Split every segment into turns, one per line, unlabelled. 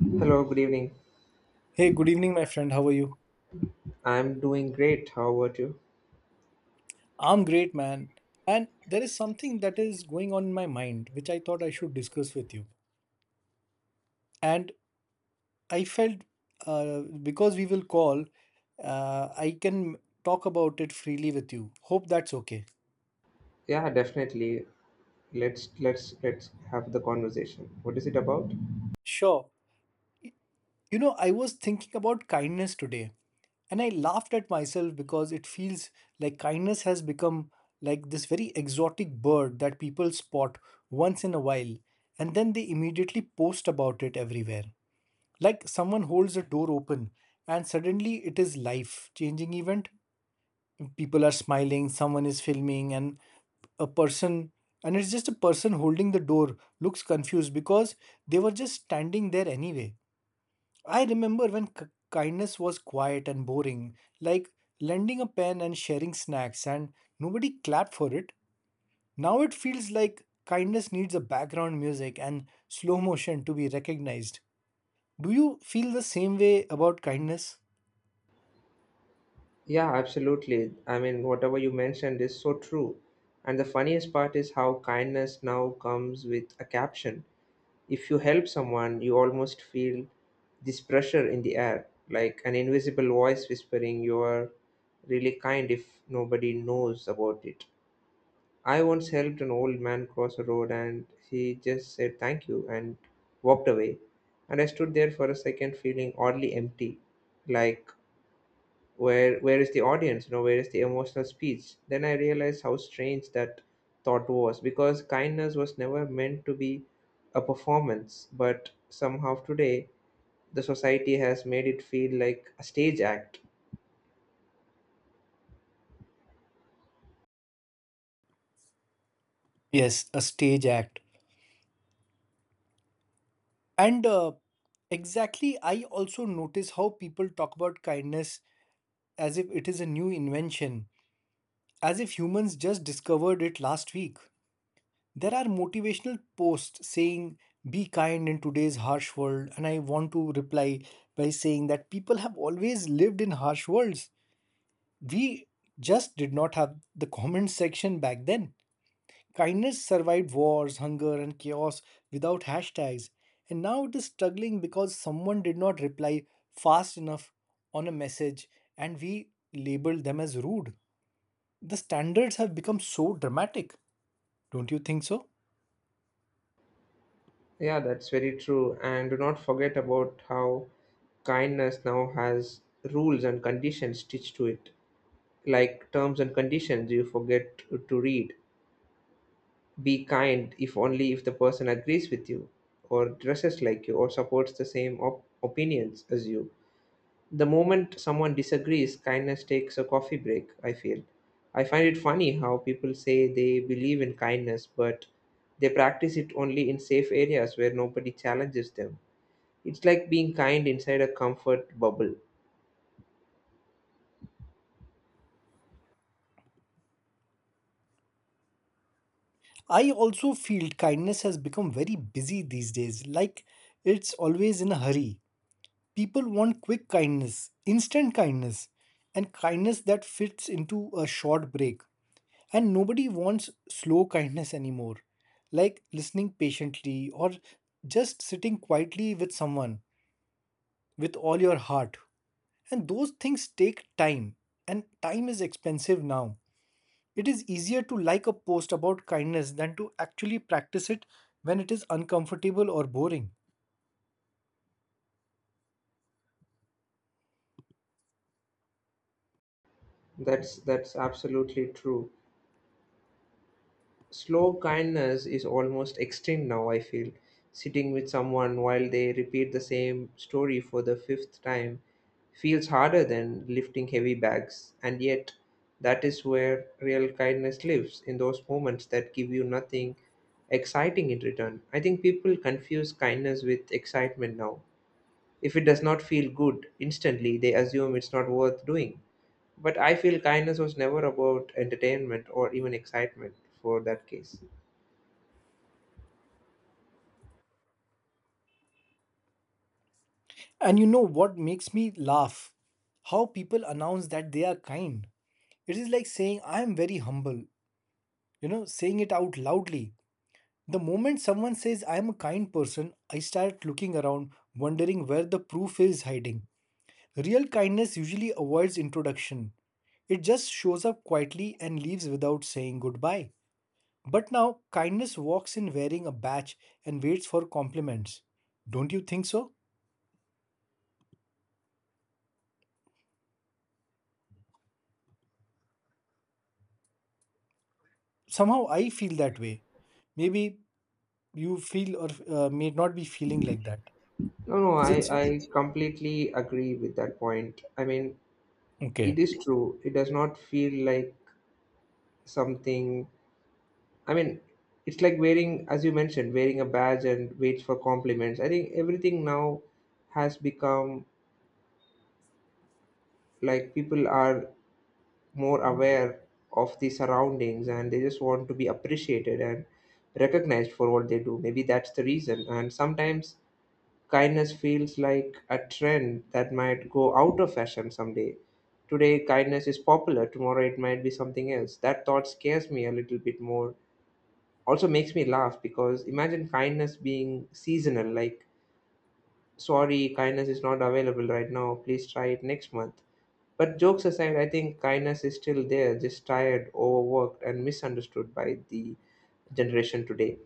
Hello, good evening.
Hey, good evening, my friend. How are you?
I'm doing great. How about you?
I'm great, man. And there is something that is going on in my mind, which I thought I should discuss with you. And I felt, because we will call, I can talk about it freely with you. Hope that's okay.
Yeah, definitely. Let's have the conversation. What is it about?
Sure. You know, I was thinking about kindness today and I laughed at myself because it feels like kindness has become like this very exotic bird that people spot once in a while and then they immediately post about it everywhere. Like someone holds a door open and suddenly it is life changing event. People are smiling, someone is filming and a person and it's just a person holding the door looks confused because they were just standing there anyway. I remember when kindness was quiet and boring, like lending a pen and sharing snacks, and nobody clapped for it. Now it feels like kindness needs a background music and slow motion to be recognized. Do you feel the same way about kindness?
Yeah, absolutely. I mean, whatever you mentioned is so true. And the funniest part is how kindness now comes with a caption. If you help someone, you almost feel this pressure in the air, like an invisible voice whispering you are really kind if nobody knows about it. I once helped an old man cross a road and he just said thank you and walked away. And I stood there for a second feeling oddly empty. Like where is the audience? You know, where is the emotional speech? Then I realized how strange that thought was because kindness was never meant to be a performance, but somehow today the society has made it feel like a stage act.
Yes, a stage act. And exactly, I also notice how people talk about kindness as if it is a new invention, as if humans just discovered it last week. There are motivational posts saying, be kind in today's harsh world. And I want to reply by saying that people have always lived in harsh worlds. We just did not have the comment section back then. Kindness survived wars, hunger, and chaos without hashtags. And now it is struggling because someone did not reply fast enough on a message and we labeled them as rude. The standards have become so dramatic. Don't you think so?
Yeah, that's very true. And do not forget about how kindness now has rules and conditions stitched to it. Like terms and conditions you forget to read. Be kind if only if the person agrees with you, or dresses like you, or supports the same opinions as you. The moment someone disagrees, kindness takes a coffee break, I feel. I find it funny how people say they believe in kindness, but they practice it only in safe areas where nobody challenges them. It's like being kind inside a comfort bubble.
I also feel kindness has become very busy these days, like it's always in a hurry. People want quick kindness, instant kindness, and kindness that fits into a short break. And nobody wants slow kindness anymore, like listening patiently or just sitting quietly with someone with all your heart. And those things take time, and time is expensive now. It is easier to like a post about kindness than to actually practice it when it is uncomfortable or boring.
That's absolutely true. Slow kindness is almost extinct now, I feel. Sitting with someone while they repeat the same story for the fifth time feels harder than lifting heavy bags, and yet that is where real kindness lives, in those moments that give you nothing exciting in return. I think people confuse kindness with excitement now. If it does not feel good instantly, they assume it's not worth doing. But I feel kindness was never about entertainment or even excitement for that case.
And you know what makes me laugh? How people announce that they are kind. It is like saying, I am very humble, you know, saying it out loudly. The moment someone says, I am a kind person, I start looking around, wondering where the proof is hiding. Real kindness usually avoids introduction, it just shows up quietly and leaves without saying goodbye. But now kindness walks in wearing a badge and waits for compliments. Don't you think so? Somehow I feel that way. Maybe you feel or may not be feeling like that.
No, no,
Is
I,
it so?
I completely agree with that point. I mean,
Okay.
it is true. It does not feel like something. I mean, it's like wearing, as you mentioned, wearing a badge and waits for compliments. I think everything now has become like people are more aware of the surroundings and they just want to be appreciated and recognized for what they do. Maybe that's the reason. And sometimes kindness feels like a trend that might go out of fashion someday. Today, kindness is popular, tomorrow, it might be something else. That thought scares me a little bit more. Also, makes me laugh because imagine kindness being seasonal like, sorry, kindness is not available right now, please try it next month. But jokes aside, I think kindness is still there, just tired, overworked, and misunderstood by the generation today.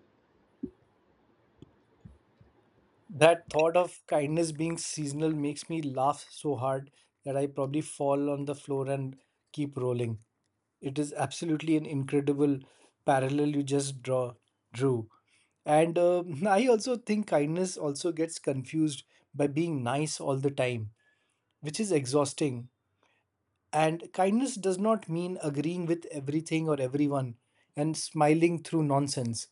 That thought of kindness being seasonal makes me laugh so hard that I probably fall on the floor and keep rolling. It is absolutely an incredible parallel you just drew. And I also think kindness also gets confused by being nice all the time, which is exhausting and kindness does not mean agreeing with everything or everyone and smiling through nonsense.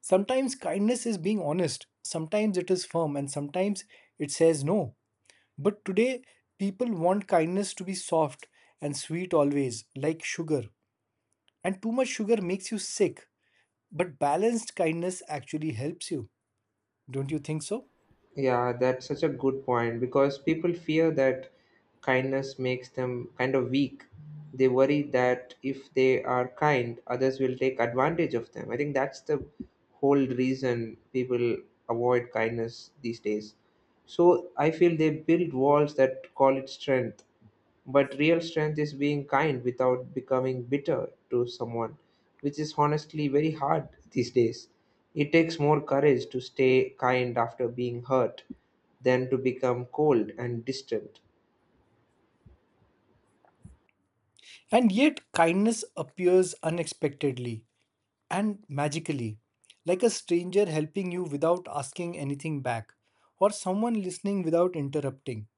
Sometimes kindness is being honest, sometimes it is firm, and sometimes it says no. But today, people want kindness to be soft and sweet always, like sugar. And too much sugar makes you sick, but balanced kindness actually helps you. Don't you think so?
Yeah, that's such a good point because people fear that kindness makes them kind of weak. They worry that if they are kind, others will take advantage of them. I think that's the whole reason people avoid kindness these days. So I feel they build walls that call it strength, but real strength is being kind without becoming bitter to someone, which is honestly very hard these days. It takes more courage to stay kind after being hurt than to become cold and distant.
And yet, kindness appears unexpectedly and magically, like a stranger helping you without asking anything back, or someone listening without interrupting.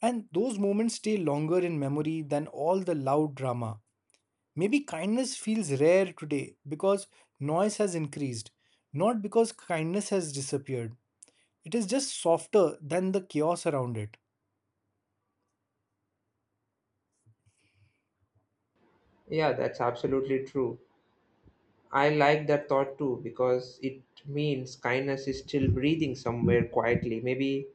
And those moments stay longer in memory than all the loud drama. Maybe kindness feels rare today because noise has increased, not because kindness has disappeared. It is just softer than the chaos around it.
Yeah, that's absolutely true. I like that thought too because it means kindness is still breathing somewhere quietly. Maybe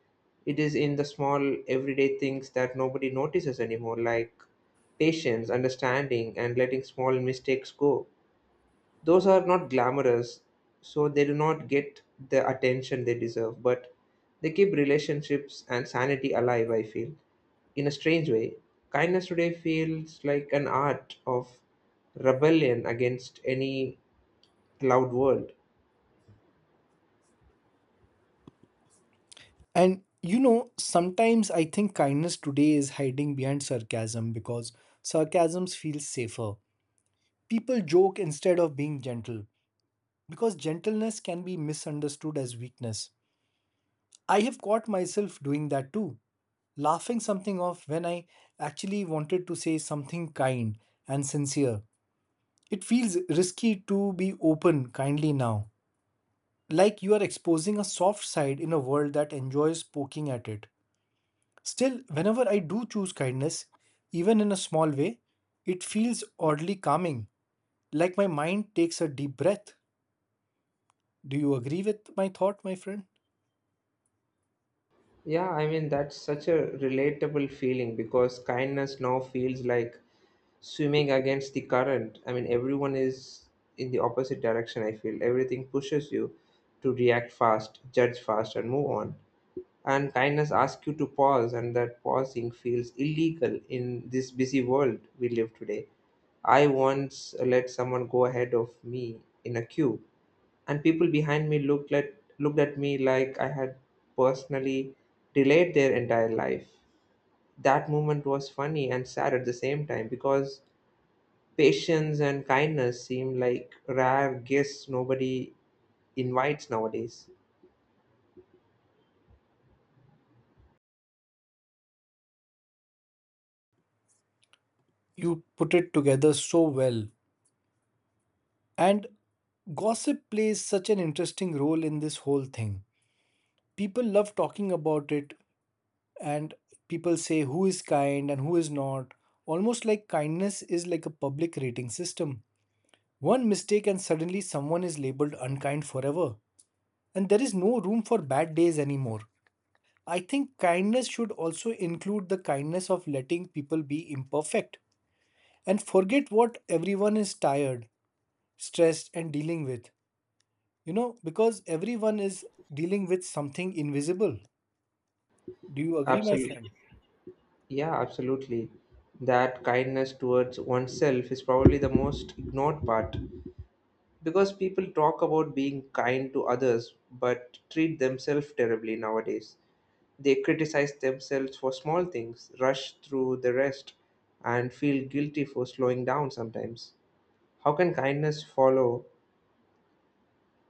it is in the small everyday things that nobody notices anymore, like patience, understanding, and letting small mistakes go. Those are not glamorous, so they do not get the attention they deserve, but they keep relationships and sanity alive, I feel. In a strange way, kindness today feels like an art of rebellion against any loud world.
And you know, sometimes I think kindness today is hiding behind sarcasm because sarcasms feel safer. People joke instead of being gentle because gentleness can be misunderstood as weakness. I have caught myself doing that too, laughing something off when I actually wanted to say something kind and sincere. It feels risky to be open kindly now, like you are exposing a soft side in a world that enjoys poking at it. Still, whenever I do choose kindness, even in a small way, it feels oddly calming, like my mind takes a deep breath. Do you agree with my thought, my friend?
Yeah, I mean, that's such a relatable feeling because kindness now feels like swimming against the current. I mean, everyone is in the opposite direction, I feel. Everything pushes you to react fast, judge fast, and move on. And kindness asks you to pause, and that pausing feels illegal in this busy world we live today. I once let someone go ahead of me in a queue and people behind me looked at me like I had personally delayed their entire life. That moment was funny and sad at the same time because patience and kindness seem like rare gifts nobody invites nowadays.
You put it together so well. And gossip plays such an interesting role in this whole thing. People love talking about it, and people say who is kind and who is not. Almost like kindness is like a public rating system. One mistake, and suddenly someone is labeled unkind forever. And there is no room for bad days anymore. I think kindness should also include the kindness of letting people be imperfect and forget what everyone is tired, stressed, and dealing with. You know, because everyone is dealing with something invisible. Do you agree, my
Absolutely.
friend?
Yeah, absolutely. That kindness towards oneself is probably the most ignored part because people talk about being kind to others but treat themselves terribly nowadays. They criticize themselves for small things, rush through the rest, and feel guilty for slowing down sometimes. How can kindness follow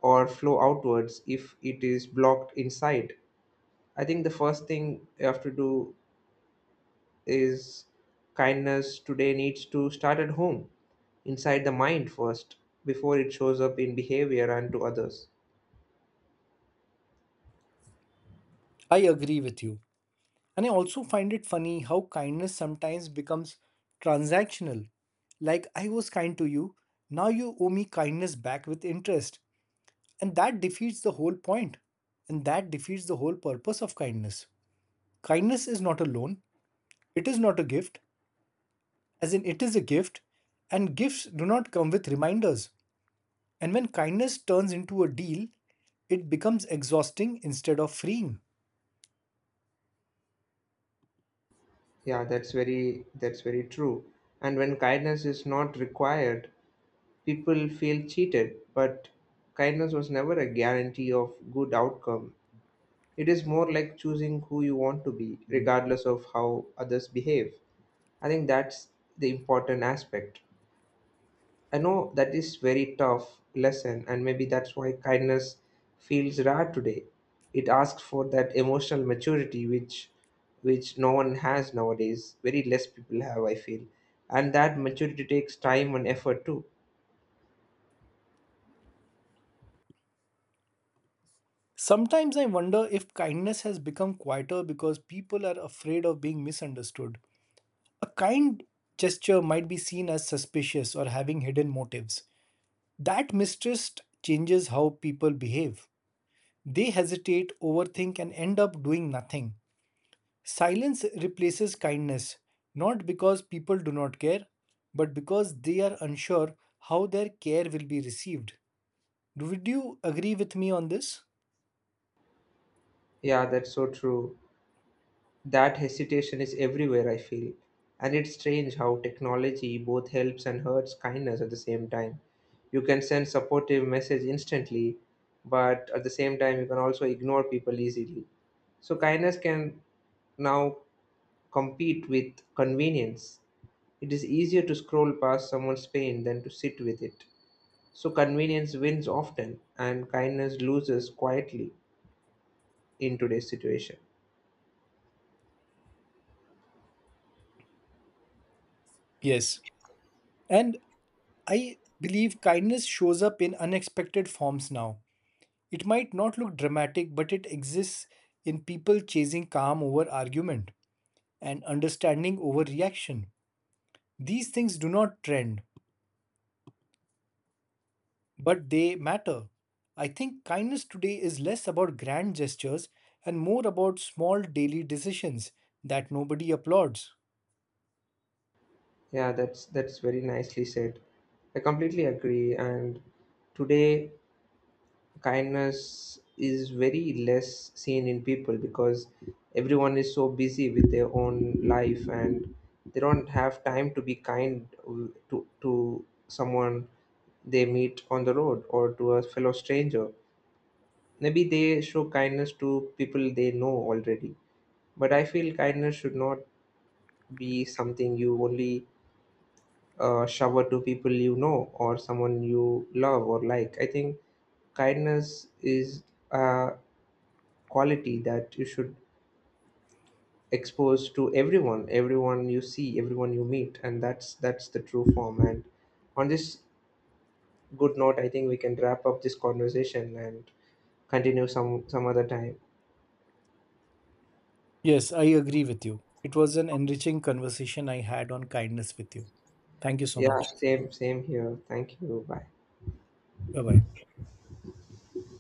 or flow outwards if it is blocked inside? I think the first thing you have to do is kindness today needs to start at home, inside the mind first, before it shows up in behavior and to others.
I agree with you. And I also find it funny how kindness sometimes becomes transactional. Like, I was kind to you, now you owe me kindness back with interest. And that defeats the whole point. And that defeats the whole purpose of kindness. Kindness is not a loan, it is not a gift, as in it is a gift, and gifts do not come with reminders. And when kindness turns into a deal, it becomes exhausting instead of freeing.
That's very true. And when kindness is not required, people feel cheated, but kindness was never a guarantee of good outcome. It is more like choosing who you want to be, regardless of how others behave. I think that's the important aspect. I know that is very tough lesson, and maybe that's why kindness feels rare today. It asks for that emotional maturity, which no one has nowadays. Very less people have, I feel, and that maturity takes time and effort too.
Sometimes I wonder if kindness has become quieter because people are afraid of being misunderstood. A kind gesture might be seen as suspicious or having hidden motives. That mistrust changes how people behave. They hesitate, overthink, and end up doing nothing. Silence replaces kindness, not because people do not care, but because they are unsure how their care will be received. Would you agree with me on this?
Yeah, that's so true. That hesitation is everywhere, I feel. And it's strange how technology both helps and hurts kindness at the same time. You can send supportive message instantly, but at the same time you can also ignore people easily. So kindness can now compete with convenience. It is easier to scroll past someone's pain than to sit with it. So convenience wins often and kindness loses quietly in today's situation.
Yes. And I believe kindness shows up in unexpected forms now. It might not look dramatic, but it exists in people chasing calm over argument and understanding over reaction. These things do not trend, but they matter. I think kindness today is less about grand gestures and more about small daily decisions that nobody applauds.
Yeah, that's very nicely said. I completely agree. And today, kindness is very less seen in people because everyone is so busy with their own life and they don't have time to be kind to someone they meet on the road or to a fellow stranger. Maybe they show kindness to people they know already. But I feel kindness should not be something you only shower to people you know or someone you love or like. I think kindness is a quality that you should expose to everyone, everyone you see, everyone you meet, and that's the true form. And on this good note, I think we can wrap up this conversation and continue some other time.
Yes, I agree with you. It was an enriching conversation I had on kindness with you. Thank you so
Yeah,
much.
same same here. Thank you. Bye.
Bye bye.